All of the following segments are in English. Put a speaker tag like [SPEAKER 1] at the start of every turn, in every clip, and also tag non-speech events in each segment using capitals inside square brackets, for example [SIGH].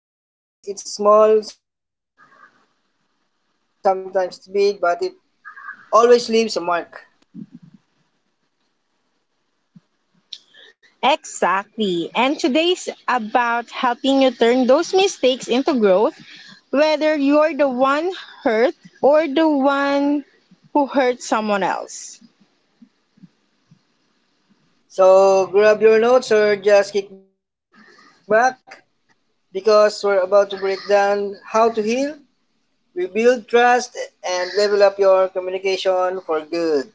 [SPEAKER 1] Miscommunication happens. Sometimes it's small, sometimes it's big, but it always leaves a mark.
[SPEAKER 2] Exactly. And today's about helping you turn those mistakes into growth, whether you're the one hurt or the one who hurt someone else.
[SPEAKER 1] So grab your notes or just kick back because we're about to break down how to heal, rebuild trust, and level up your communication for good.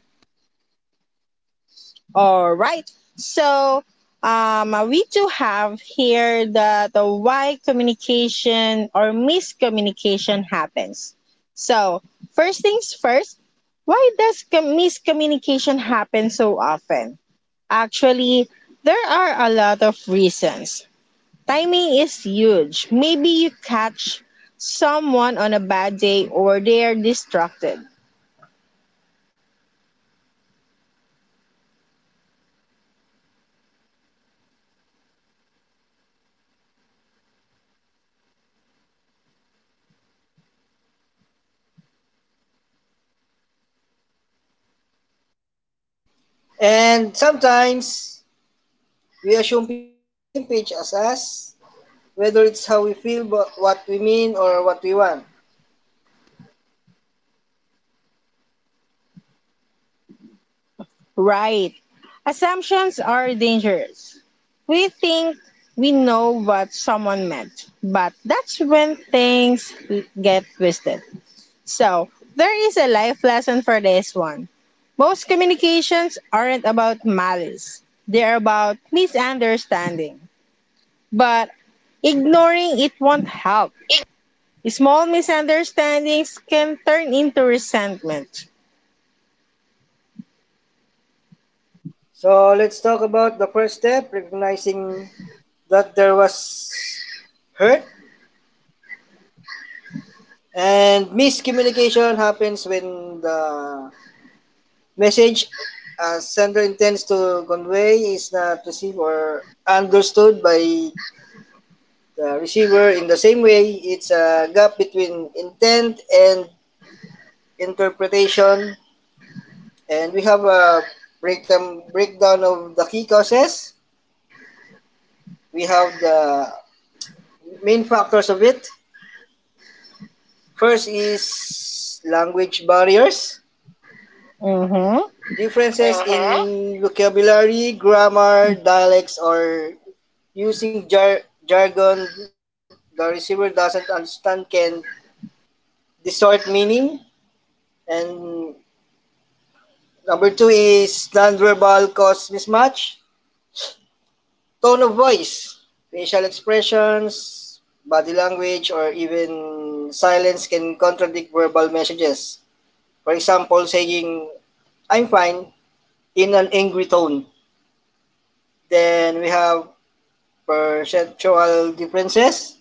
[SPEAKER 2] All right. So we do have here the why communication or miscommunication happens. So first things first, why does miscommunication happen so often? Actually, there are a lot of reasons. Timing is huge. Maybe you catch someone on a bad day or they are distracted.
[SPEAKER 1] And sometimes we assume people are on the same page as us, whether it's how we feel, but what we mean, or what we want.
[SPEAKER 2] Right. Assumptions are dangerous. We think we know what someone meant, but that's when things get twisted. So, there is a life lesson for this one. Most communications aren't about malice, they're about misunderstanding. But ignoring it won't help. Small misunderstandings can turn into resentment.
[SPEAKER 1] So let's talk about the first step: recognizing that there was hurt. And miscommunication happens when the message a sender intends to convey is not received or understood by the receiver in the same way. It's a gap between intent and interpretation, and we have a breakdown of the key causes. We have the main factors of it. First is language barriers,
[SPEAKER 2] Mm-hmm.
[SPEAKER 1] differences in vocabulary, grammar, dialects, or using jargon the receiver doesn't understand can distort meaning. And number two is nonverbal cause mismatch: tone of voice, facial expressions, body language, or even silence can contradict verbal messages. For example, saying, "I'm fine," in an angry tone. Then we have perceptual differences: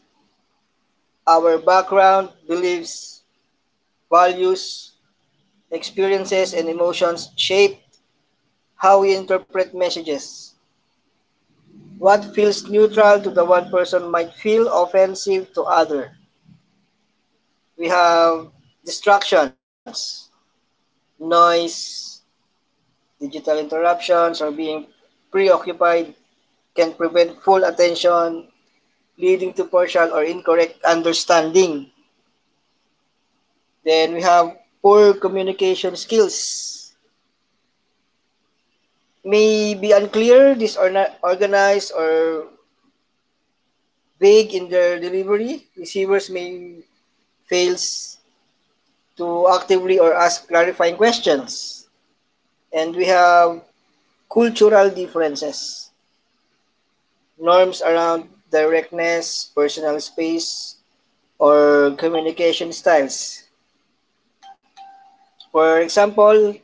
[SPEAKER 1] our background, beliefs, values, experiences, and emotions shape how we interpret messages. What feels neutral to the one person might feel offensive to other. We have distractions: noise, digital interruptions, or being preoccupied can prevent full attention, leading to partial or incorrect understanding. Then we have poor communication skills. May be unclear, disorganized, or vague in their delivery. Receivers may fails to actively or ask clarifying questions. And we have cultural differences. Norms around directness, personal space, or communication styles. For example,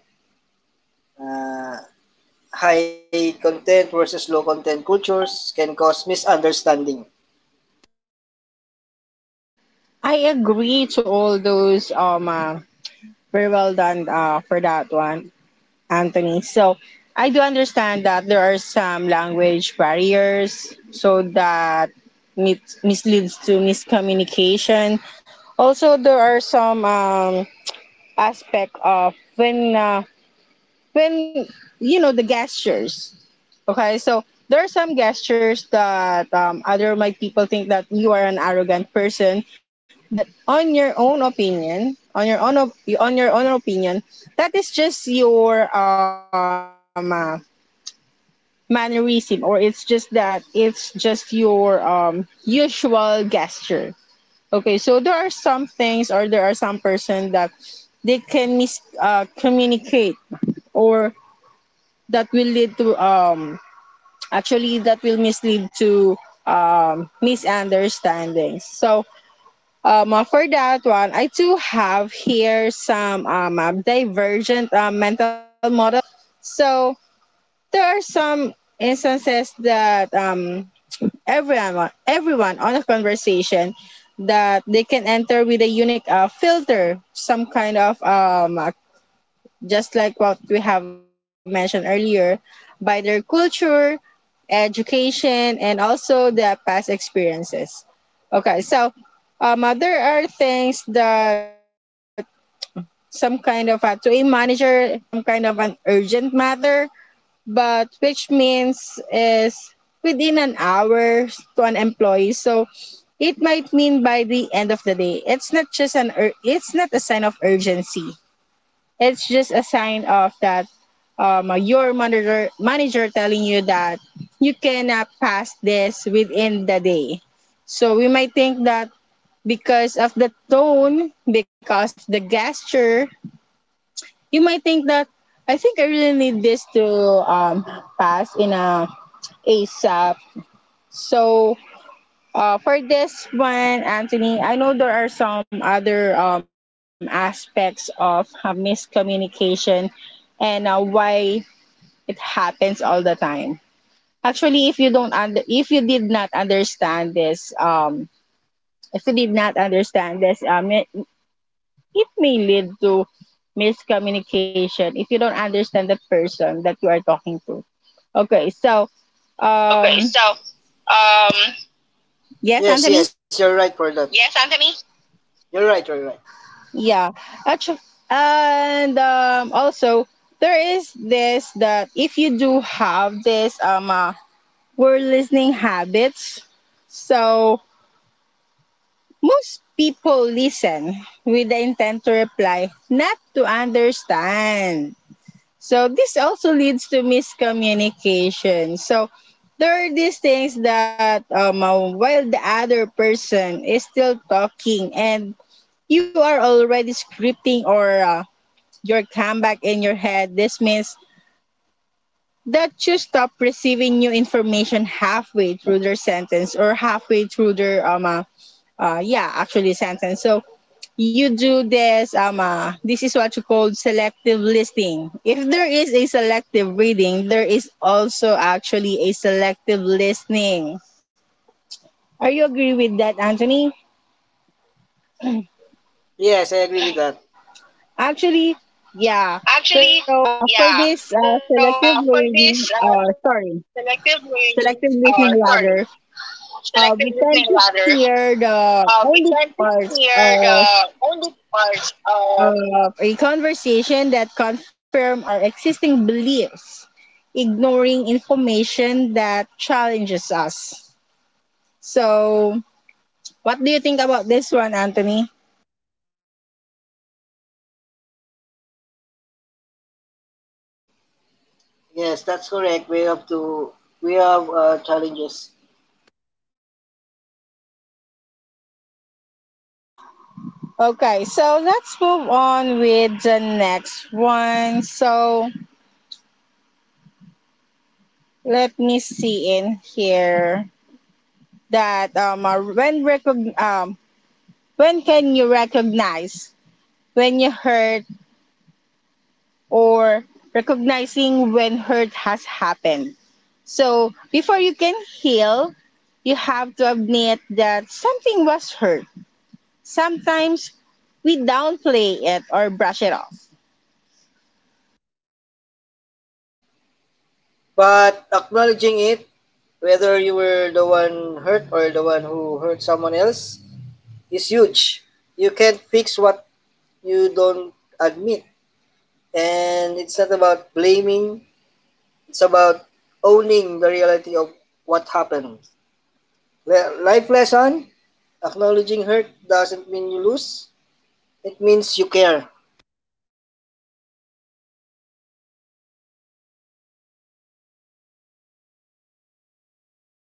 [SPEAKER 1] uh, high content versus low content cultures can cause misunderstanding.
[SPEAKER 2] I agree to all those. Very well done for that one, Anthony. So I do understand that there are some language barriers, so that misleads to miscommunication. Also, there are some aspect of when you know the gestures. Okay, so there are some gestures that other might people think that you are an arrogant person, but on your own opinion, on your own opinion, that is just your mannerism, or it's just your usual gesture. Okay, so there are some things, or there are some person that they can mis communicate, or that will lead to Actually, that will mislead to misunderstandings. So, for that one, I do have here some divergent mental models. So, there are some instances that um, everyone on a conversation that they can enter with a unique filter, some kind of just like what we have mentioned earlier, by their culture, education, and also their past experiences. Okay, so there are things that some kind of a, to a manager, some kind of an urgent matter, but which means is within an hour to an employee. So it might mean by the end of the day. It's not just an it's not a sign of urgency. It's just a sign of that your manager telling you that you cannot pass this within the day. So we might think that because of the tone, because of the gesture, you might think that I think I really need this to pass in a ASAP. So for this one, Anthony, I know there are some other aspects of miscommunication and why it happens all the time. Actually, if you did not understand this, if you did not understand this, it, it may lead to miscommunication if you don't understand the person that you are talking to. Okay, so,
[SPEAKER 1] Okay,
[SPEAKER 2] um,
[SPEAKER 1] so, um,
[SPEAKER 2] yes,
[SPEAKER 1] yes,
[SPEAKER 2] Anthony.
[SPEAKER 1] yes, you're right for that. Yes, Anthony? You're right, you're right.
[SPEAKER 2] Yeah, actually, and also there is this that if you do have this word listening habits, so most people listen with the intent to reply, not to understand. So this also leads to miscommunication. So there are these things that while the other person is still talking and you are already scripting or your comeback in your head, this means that you stop receiving new information halfway through their sentence or halfway through their yeah actually sentence. So you do this this is what you call selective listening. If there is a selective reading, there is also actually a selective listening. Are you agree with that, Anthony?
[SPEAKER 1] Yes, I agree with that.
[SPEAKER 2] Actually, yeah. So
[SPEAKER 1] Actually,
[SPEAKER 2] for
[SPEAKER 1] yeah.
[SPEAKER 2] this
[SPEAKER 1] So,
[SPEAKER 2] selective
[SPEAKER 1] for
[SPEAKER 2] reading,
[SPEAKER 1] this
[SPEAKER 2] uh
[SPEAKER 1] selective
[SPEAKER 2] sorry
[SPEAKER 1] listening,
[SPEAKER 2] selective
[SPEAKER 1] sorry,
[SPEAKER 2] listening rather,
[SPEAKER 1] selective listening
[SPEAKER 2] we
[SPEAKER 1] rather,
[SPEAKER 2] tend to hear
[SPEAKER 1] we
[SPEAKER 2] the
[SPEAKER 1] try to
[SPEAKER 2] only
[SPEAKER 1] hear
[SPEAKER 2] parts
[SPEAKER 1] the
[SPEAKER 2] of
[SPEAKER 1] only parts of—
[SPEAKER 2] a conversation that confirm our existing beliefs, ignoring information that challenges us. So, what do you think about this one, Anthony?
[SPEAKER 1] Yes, that's correct. We have to, we have challenges.
[SPEAKER 2] Mm-hmm. Okay, so let's move on with the next one. So let me see in here that when can you recognize when you hurt or recognizing when hurt has happened? So before you can heal, you have to admit that something was hurt. Sometimes we downplay it or brush it off.
[SPEAKER 1] But acknowledging it, whether you were the one hurt or the one who hurt someone else, is huge. You can't fix what you don't admit. And it's not about blaming, it's about owning the reality of what happened. Life lesson: acknowledging hurt doesn't mean you lose, it means you care.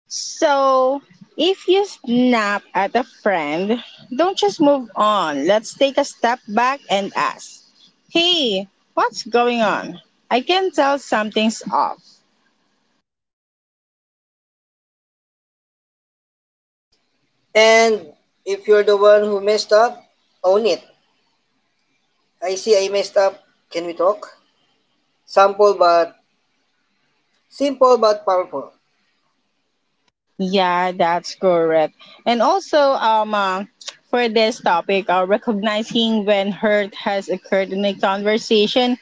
[SPEAKER 2] So if you snap at a friend, don't just move on. Let's take a step back and ask, hey, what's going on? I can tell something's off.
[SPEAKER 1] And if you're the one who messed up, own it. I see I messed up. Can we talk? Sample but simple but powerful.
[SPEAKER 2] Yeah, that's correct. And also, for this topic, recognizing when hurt has occurred in a conversation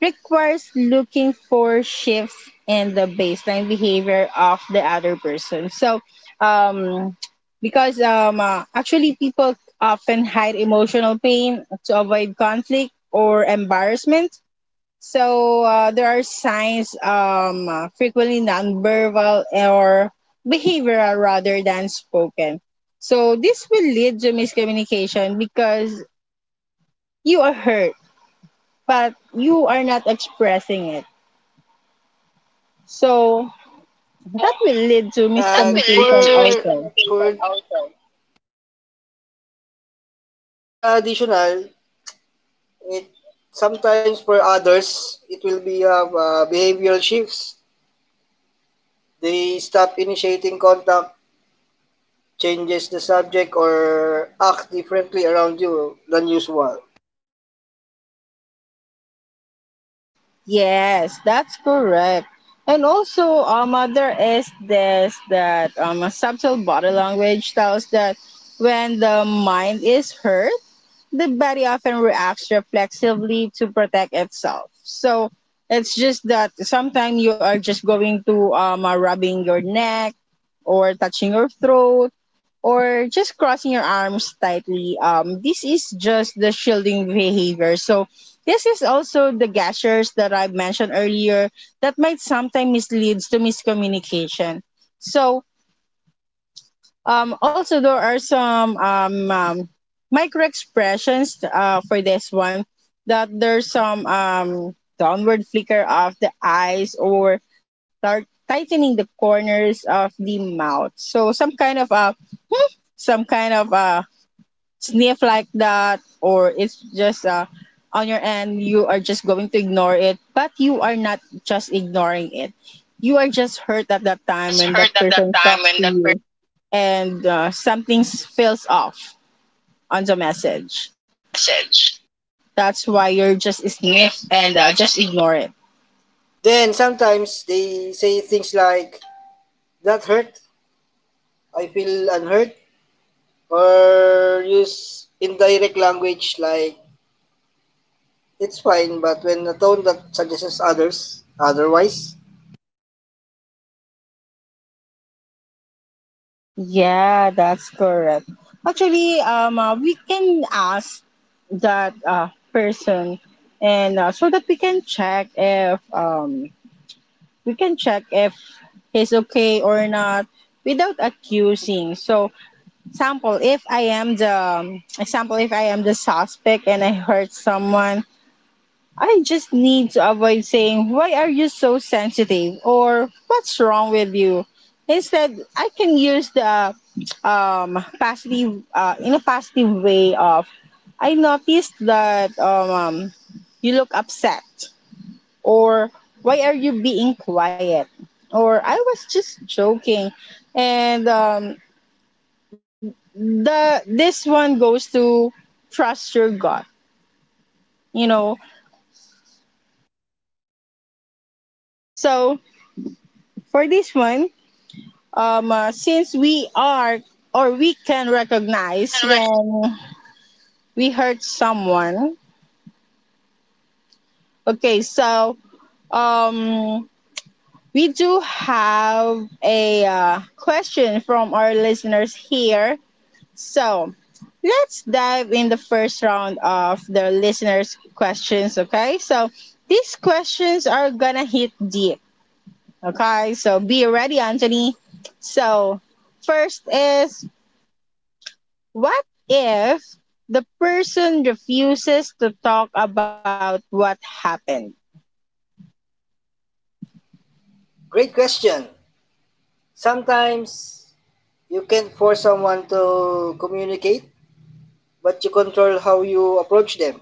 [SPEAKER 2] requires looking for shifts in the baseline behavior of the other person. So, um, because actually people often hide emotional pain to avoid conflict or embarrassment, so there are signs frequently nonverbal or behavioral rather than spoken. So this will lead to miscommunication because you are hurt, but you are not expressing it. So
[SPEAKER 1] So,
[SPEAKER 2] that will lead to
[SPEAKER 1] that will
[SPEAKER 2] miscommunication
[SPEAKER 1] lead to
[SPEAKER 2] also.
[SPEAKER 1] miscommunication also. For the additional, it sometimes for others, it will be behavioral shifts. They stop initiating contact, changes the subject, or act differently around you than usual.
[SPEAKER 2] Yes, that's correct. And also, there is this that a subtle body language tells that when the mind is hurt, the body often reacts reflexively to protect itself. So it's just that sometimes you are just going to rubbing your neck or touching your throat or just crossing your arms tightly. This is just the shielding behavior. So this is also the gestures that I mentioned earlier that might sometimes misleads to miscommunication. So also, there are some micro expressions for this one that there's some downward flicker of the eyes or tightening the corners of the mouth. So some kind of some kind of uh, sniff like that, or it's just on your end you are just going to ignore it, but you are not just ignoring it. You are just hurt at
[SPEAKER 1] You
[SPEAKER 2] that
[SPEAKER 1] are
[SPEAKER 2] time
[SPEAKER 1] just
[SPEAKER 2] when that
[SPEAKER 1] hurt at that
[SPEAKER 2] person
[SPEAKER 1] time
[SPEAKER 2] talks
[SPEAKER 1] when
[SPEAKER 2] to
[SPEAKER 1] that person
[SPEAKER 2] you and something feels off on the message. That's why
[SPEAKER 1] message.
[SPEAKER 2] you're just sniff and
[SPEAKER 1] Is
[SPEAKER 2] just
[SPEAKER 1] sniff
[SPEAKER 2] ignore it.
[SPEAKER 1] and just ignore. Then sometimes they say things like, "That hurt? I feel unhurt?" Or use indirect language like, "it's fine," but when a tone that suggests others, otherwise?
[SPEAKER 2] Yeah, that's correct. Actually, we can ask that person, and so that we can check if we can check if he's okay or not without accusing. So, example, if I am the suspect and I hurt someone, I just need to avoid saying, why are you so sensitive? Or what's wrong with you? Instead, I can use the in a positive way of, I noticed that you look upset, or why are you being quiet? Or I was just joking. And the this one goes to trust your gut, you know. So
[SPEAKER 1] So, yes, that's So,
[SPEAKER 2] for
[SPEAKER 1] correct.
[SPEAKER 2] this one,
[SPEAKER 1] For this one,
[SPEAKER 2] since we are
[SPEAKER 1] since
[SPEAKER 2] or
[SPEAKER 1] we
[SPEAKER 2] we
[SPEAKER 1] are,
[SPEAKER 2] can
[SPEAKER 1] or we
[SPEAKER 2] recognize
[SPEAKER 1] can
[SPEAKER 2] when
[SPEAKER 1] recognize—
[SPEAKER 2] we hurt someone. Okay, so um, we do have a question from our listeners here. So let's dive in the first round of the listeners' questions. Okay, so these questions are gonna hit deep. Okay, so be ready, Anthony. So, first is, what if the person refuses to talk about what happened?
[SPEAKER 1] Great question. Sometimes you can force someone to communicate, but you control how you approach them.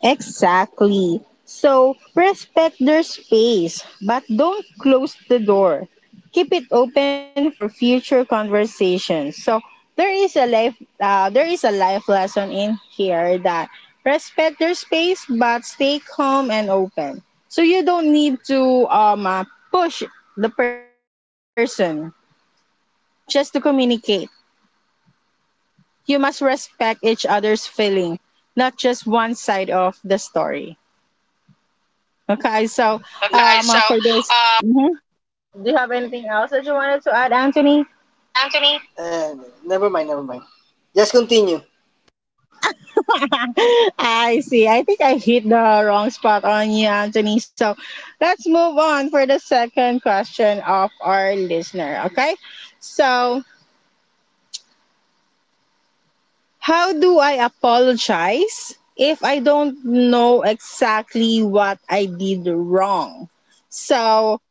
[SPEAKER 2] Exactly. So respect their space, but don't close the door. Keep it open for future conversations. So there is a life lesson in here that respect their space, but stay calm and open. So you don't need to push the person just to communicate. You must respect each other's feelings, not just one side of the story. Okay, so
[SPEAKER 1] Okay, it,
[SPEAKER 2] for
[SPEAKER 1] so,
[SPEAKER 2] this,
[SPEAKER 1] uh,
[SPEAKER 2] mhm, do you have anything else that you wanted to add, Anthony?
[SPEAKER 1] but Anthony, uh, never mind, never mind. Just continue.
[SPEAKER 2] [LAUGHS] I see. I think I hit the wrong spot on you, Anthony. So let's move on for the second question of our listener. Okay, so how do I apologize if I don't know exactly what I did wrong? So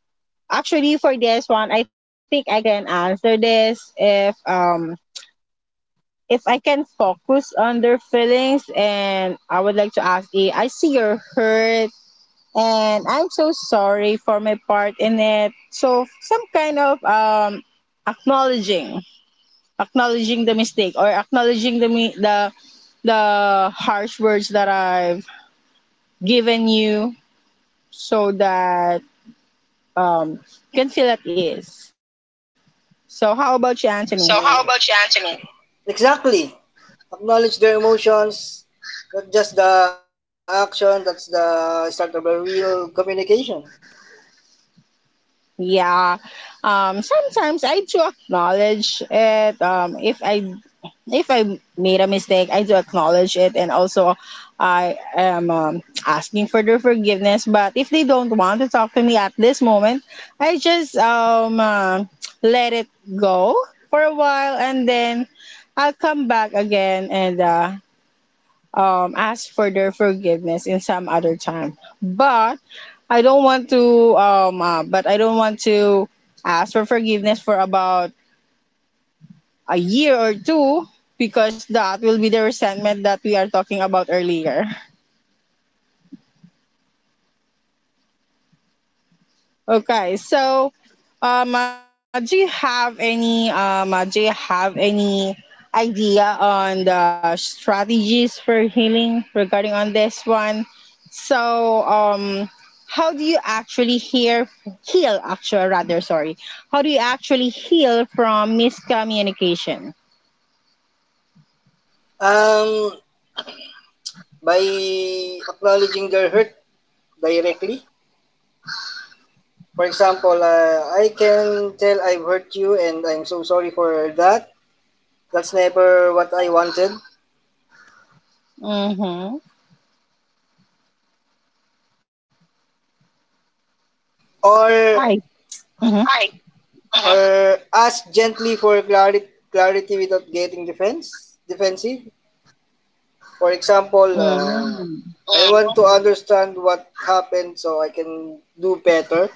[SPEAKER 2] actually, for this one, I think I can answer this if I can focus on their feelings and I would like to ask A, I see you're hurt and I'm so sorry for my part in it. So some kind of acknowledging acknowledging the mistake or acknowledging the the harsh words that I've given you so that um you can feel at ease. So how about you, Anthony?
[SPEAKER 1] So how about you, Anthony? Exactly. Acknowledge their emotions, not just the action, that's the start of a real communication.
[SPEAKER 2] Yeah. Um, sometimes I do acknowledge it. If I made a mistake, I do acknowledge it and also I am asking for their forgiveness, but if they don't want to talk to me at this moment, I just let it go for a while and then I'll come back again and ask for their forgiveness in some other time. But I don't want to, but I don't want to ask for forgiveness for about a year or two because that will be the resentment that we are talking about earlier. Okay, so do you have any idea on the strategies for healing regarding on this one? So how do you actually hear heal actually rather, sorry? How do you actually heal from miscommunication?
[SPEAKER 1] Um, by acknowledging their hurt directly. For example, I can tell I've hurt you and I'm so sorry for that. That's never what I wanted.
[SPEAKER 2] Mm-hmm. I.
[SPEAKER 1] Or
[SPEAKER 2] Mm-hmm.
[SPEAKER 1] hi. Mhm. Or ask gently for clarity, clarity without getting defensive. For example,
[SPEAKER 2] Mm-hmm.
[SPEAKER 1] I want to understand what happened so I can do better.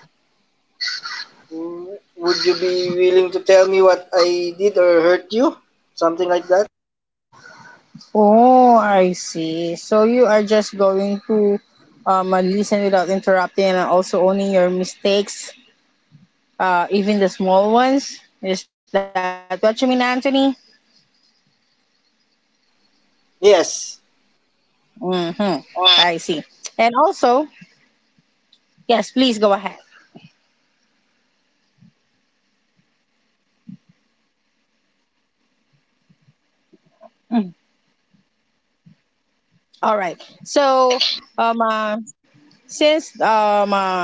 [SPEAKER 1] Mm, would you be willing to tell me what I did or hurt you? Something like that?
[SPEAKER 2] Oh, I see. So you are just going to listen without interrupting and also owning your mistakes, even the small ones. Is that what you mean, Anthony?
[SPEAKER 1] Yes.
[SPEAKER 2] Mm-hmm. I see.
[SPEAKER 1] Mm,
[SPEAKER 2] And also, yes, please go ahead. Mm. All right. So,
[SPEAKER 1] all right.
[SPEAKER 2] um, uh, since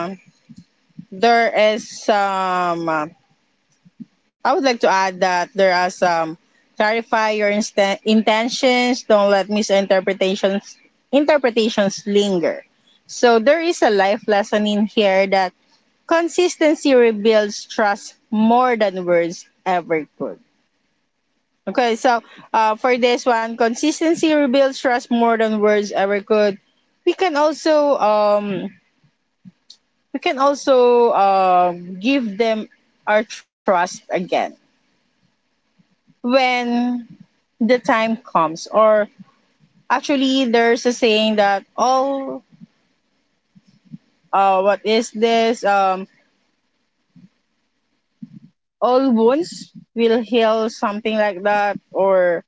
[SPEAKER 2] there is I would like to add that there are some intentions. Don't let misinterpretations interpretations linger. So there is a life lesson in here that consistency rebuilds trust more than words ever could. Okay, so for this one, consistency rebuilds trust more than words ever could. We can also um, we can also give them our trust again when the time comes. Or actually there's a saying that all what is this all wounds will heal, something like that. Or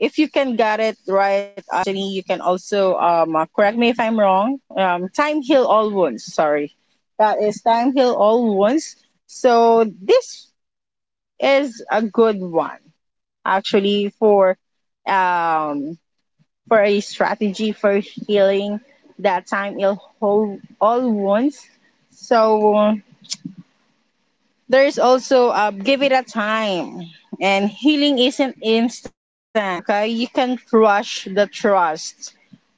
[SPEAKER 2] if you can get it right, Anjani, you can also correct me if I'm wrong. Time heal all wounds, sorry, that is time heal all wounds. So this is a good one actually um for a strategy for healing, that time ill whole all wounds. So there's also give it a time, and healing isn't instant. Okay, you can't rush the trust,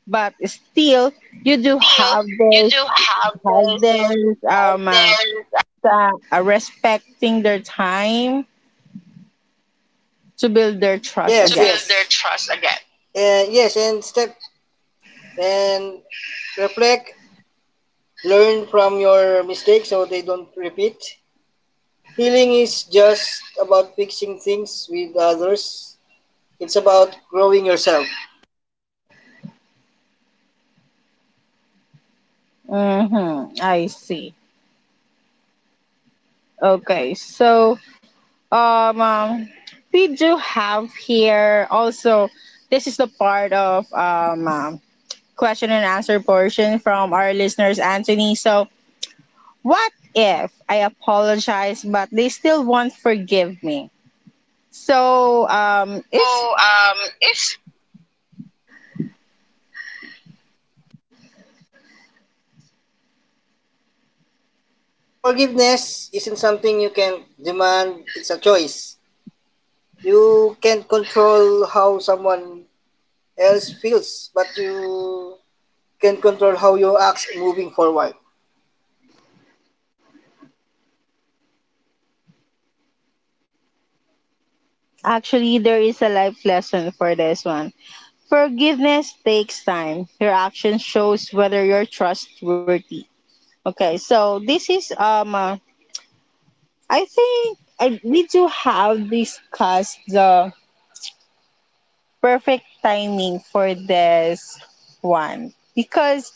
[SPEAKER 2] but still
[SPEAKER 1] But
[SPEAKER 2] you do
[SPEAKER 1] still,
[SPEAKER 2] have
[SPEAKER 1] you
[SPEAKER 2] this
[SPEAKER 1] do
[SPEAKER 2] have this
[SPEAKER 1] have
[SPEAKER 2] um uh,
[SPEAKER 1] this
[SPEAKER 2] respecting their time to build their trust
[SPEAKER 1] yes, to build
[SPEAKER 2] again.
[SPEAKER 1] yes their trust again. And yes, and step and reflect, learn from your mistakes so they don't repeat. Healing is just about fixing things with others. It's about growing yourself.
[SPEAKER 2] Mm-hmm. I see. Okay, so Um, um, we do have here also. This is the part of question and answer portion from our listeners, Anthony. So, what if I apologize but they still won't forgive me? So, it's
[SPEAKER 1] So, if So forgiveness isn't something you can demand, it's a choice. You can't control how someone else feels, but you can control how you act moving forward.
[SPEAKER 2] actually there is a life lesson for this one. Forgiveness takes time. Your action shows whether you're trustworthy. Okay, so this is. I think I, we do have discussed the perfect timing for this one, because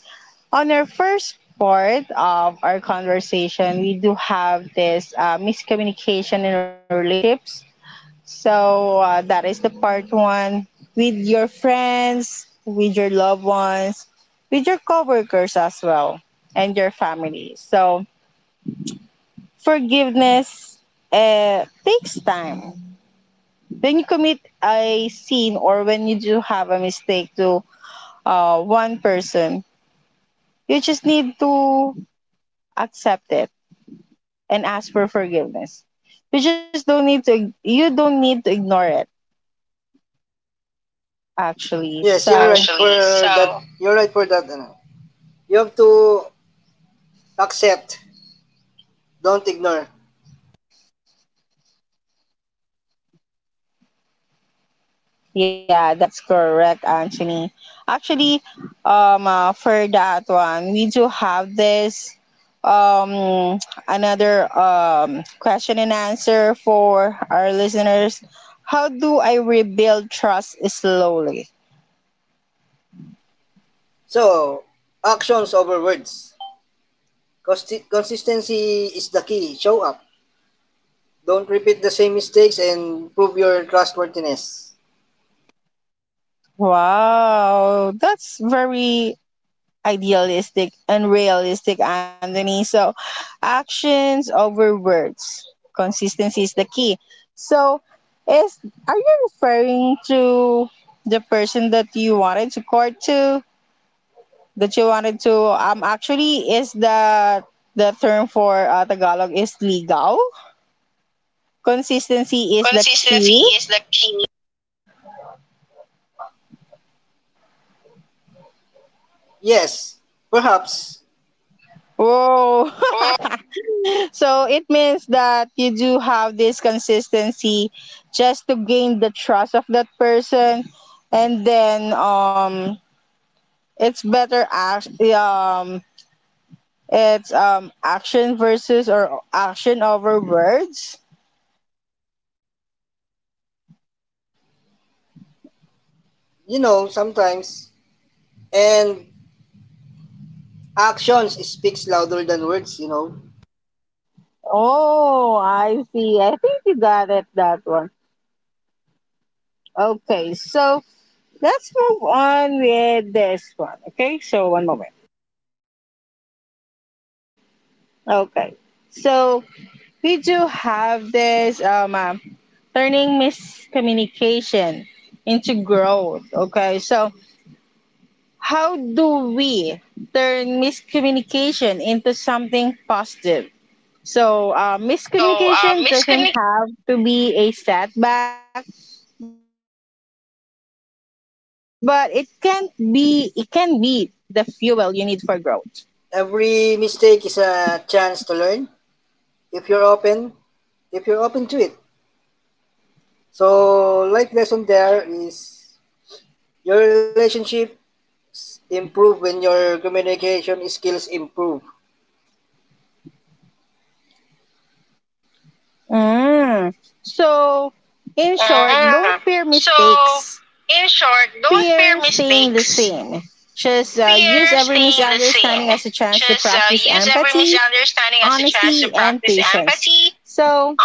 [SPEAKER 2] on our first part of our conversation, we do have this miscommunication in relationships. So that is the part one, with your friends, with your loved ones, with your coworkers as well, and your family. So forgiveness takes time. When you commit a sin or when you do have a mistake to one person, you just need to accept it and ask for forgiveness. You just don't need to. You don't need to ignore it actually.
[SPEAKER 1] Yes, you're—
[SPEAKER 2] So
[SPEAKER 1] actually, right for that. You're right for that. Ano. You have to accept, don't ignore.
[SPEAKER 2] yeah, that's correct, Anthony. Actually, for that one, we do have this um another question and answer for our listeners. How do I rebuild trust slowly?
[SPEAKER 1] So, actions over words. Consistency is the key. Show up. Don't repeat the same mistakes and prove your trustworthiness.
[SPEAKER 2] Wow, that's very idealistic, unrealistic, Anthony. So, actions over words. Consistency is the key. So, is are you referring to the person that you wanted to court to? That you wanted to actually is the term for Tagalog is legal. Consistency is the
[SPEAKER 1] Consistency
[SPEAKER 2] key.
[SPEAKER 1] is the key. Yes, perhaps.
[SPEAKER 2] Whoa. [LAUGHS]
[SPEAKER 1] Oh.
[SPEAKER 2] So it means that you do have this consistency just to gain the trust of that person, and then it's better act it's action versus, or action over words.
[SPEAKER 1] You know, sometimes. And actions speaks louder than words, you know.
[SPEAKER 2] Oh, I see. I think you got it that one. Okay, so let's move on with this one. Okay, so one moment. Okay, so we do have this turning miscommunication into growth. Okay, so how do we turn miscommunication into something positive? So,
[SPEAKER 1] So,
[SPEAKER 2] miscommunication doesn't
[SPEAKER 1] miscommunication—
[SPEAKER 2] have to be a setback, but it can be the fuel you need for growth.
[SPEAKER 1] every mistake is a chance to learn if you're open, if you're open to it. So life lesson there is: your relationships improve when your communication skills improve.
[SPEAKER 2] Mm. So, in short, don't fear mistakes, fear staying the same. Just use every misunderstanding as a chance to practice empathy, honesty, and patience. So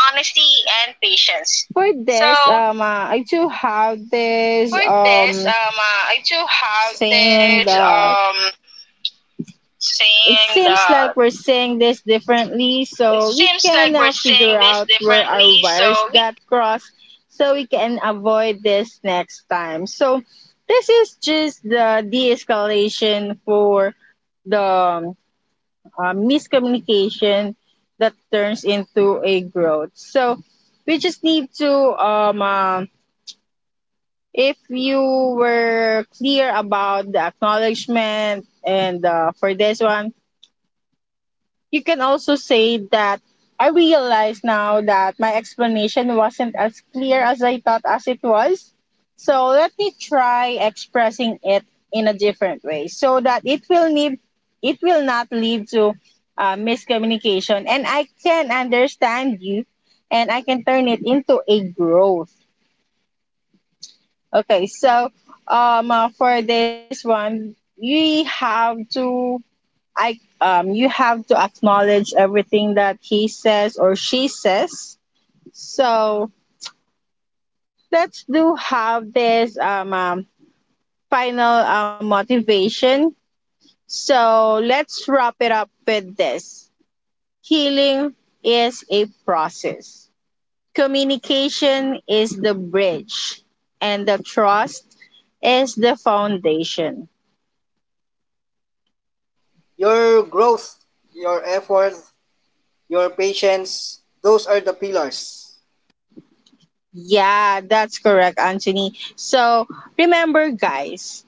[SPEAKER 2] for this, I do have this saying that it seems like we're saying this differently, so we can figure out where our wires got crossed, so we can avoid this next time. So this is just the de-escalation for the miscommunication that turns into a growth. So we just need to um uh, if you were clear about the acknowledgement. And for this one, you can also say that I realize now that my explanation wasn't as clear as I thought as it was. So let me try expressing it in a different way, so that it will not lead to miscommunication, and I can understand you and I can turn it into a growth. Okay, so for this one we have to I you have to acknowledge everything that he says or she says. So let's do have this final motivation. So let's wrap it up with this. Healing is a process. Communication is the bridge, and the trust is the foundation.
[SPEAKER 1] Your growth, your effort, your patience, those are the pillars.
[SPEAKER 2] Yeah, that's correct, Anthony. So remember, guys,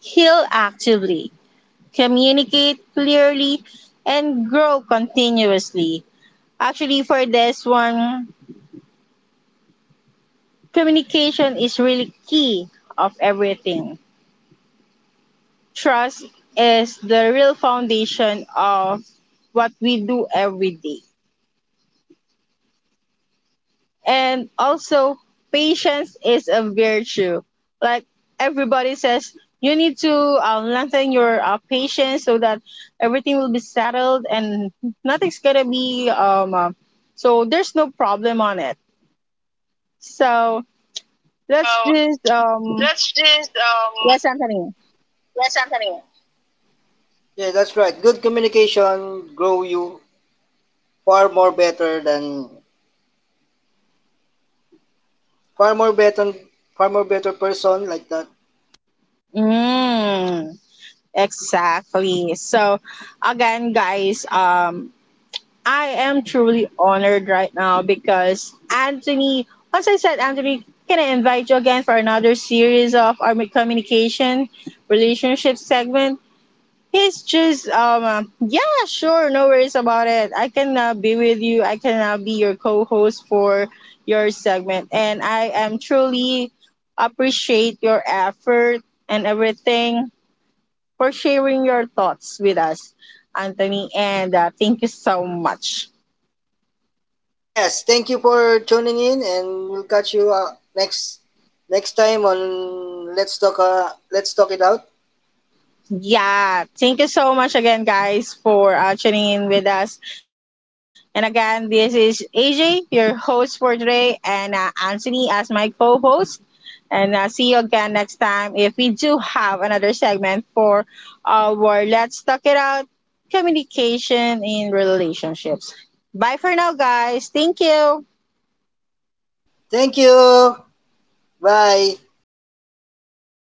[SPEAKER 2] heal actively, communicate clearly, and grow continuously. Actually, for this one, communication is really key of everything. Trust is the real foundation of what we do every day. And also patience is a virtue, like everybody says. You need to lengthen your patience so that everything will be settled and nothing's gonna be so there's no problem on it. So let's
[SPEAKER 1] So
[SPEAKER 2] just um
[SPEAKER 1] that's just
[SPEAKER 2] yes, Anthony.
[SPEAKER 1] yes, Anthony. Yeah, that's right. Good communication grow you far more better than far more better, far more better person like that.
[SPEAKER 2] Mm, exactly. So again, guys, I am truly honored right now because Anthony, once I said, Anthony, can I invite you again for another series of our communication relationship segment? He's just, yeah, sure, no worries about it. I can be with you. I can be your co host for your segment. And I am truly appreciate your effort and everything for sharing your thoughts with us, Anthony. And thank you so much.
[SPEAKER 1] Yes, thank you for tuning in and we'll catch you next next time on let's talk it out.
[SPEAKER 2] Yeah, thank you so much again, guys, for tuning in with us. And again, this is AJ, your host for today, and Anthony as my co host. And see you again next time if we do have another segment for our Let's Talk It Out communication in relationships. Bye for now, guys. Thank you.
[SPEAKER 1] Thank you. Bye.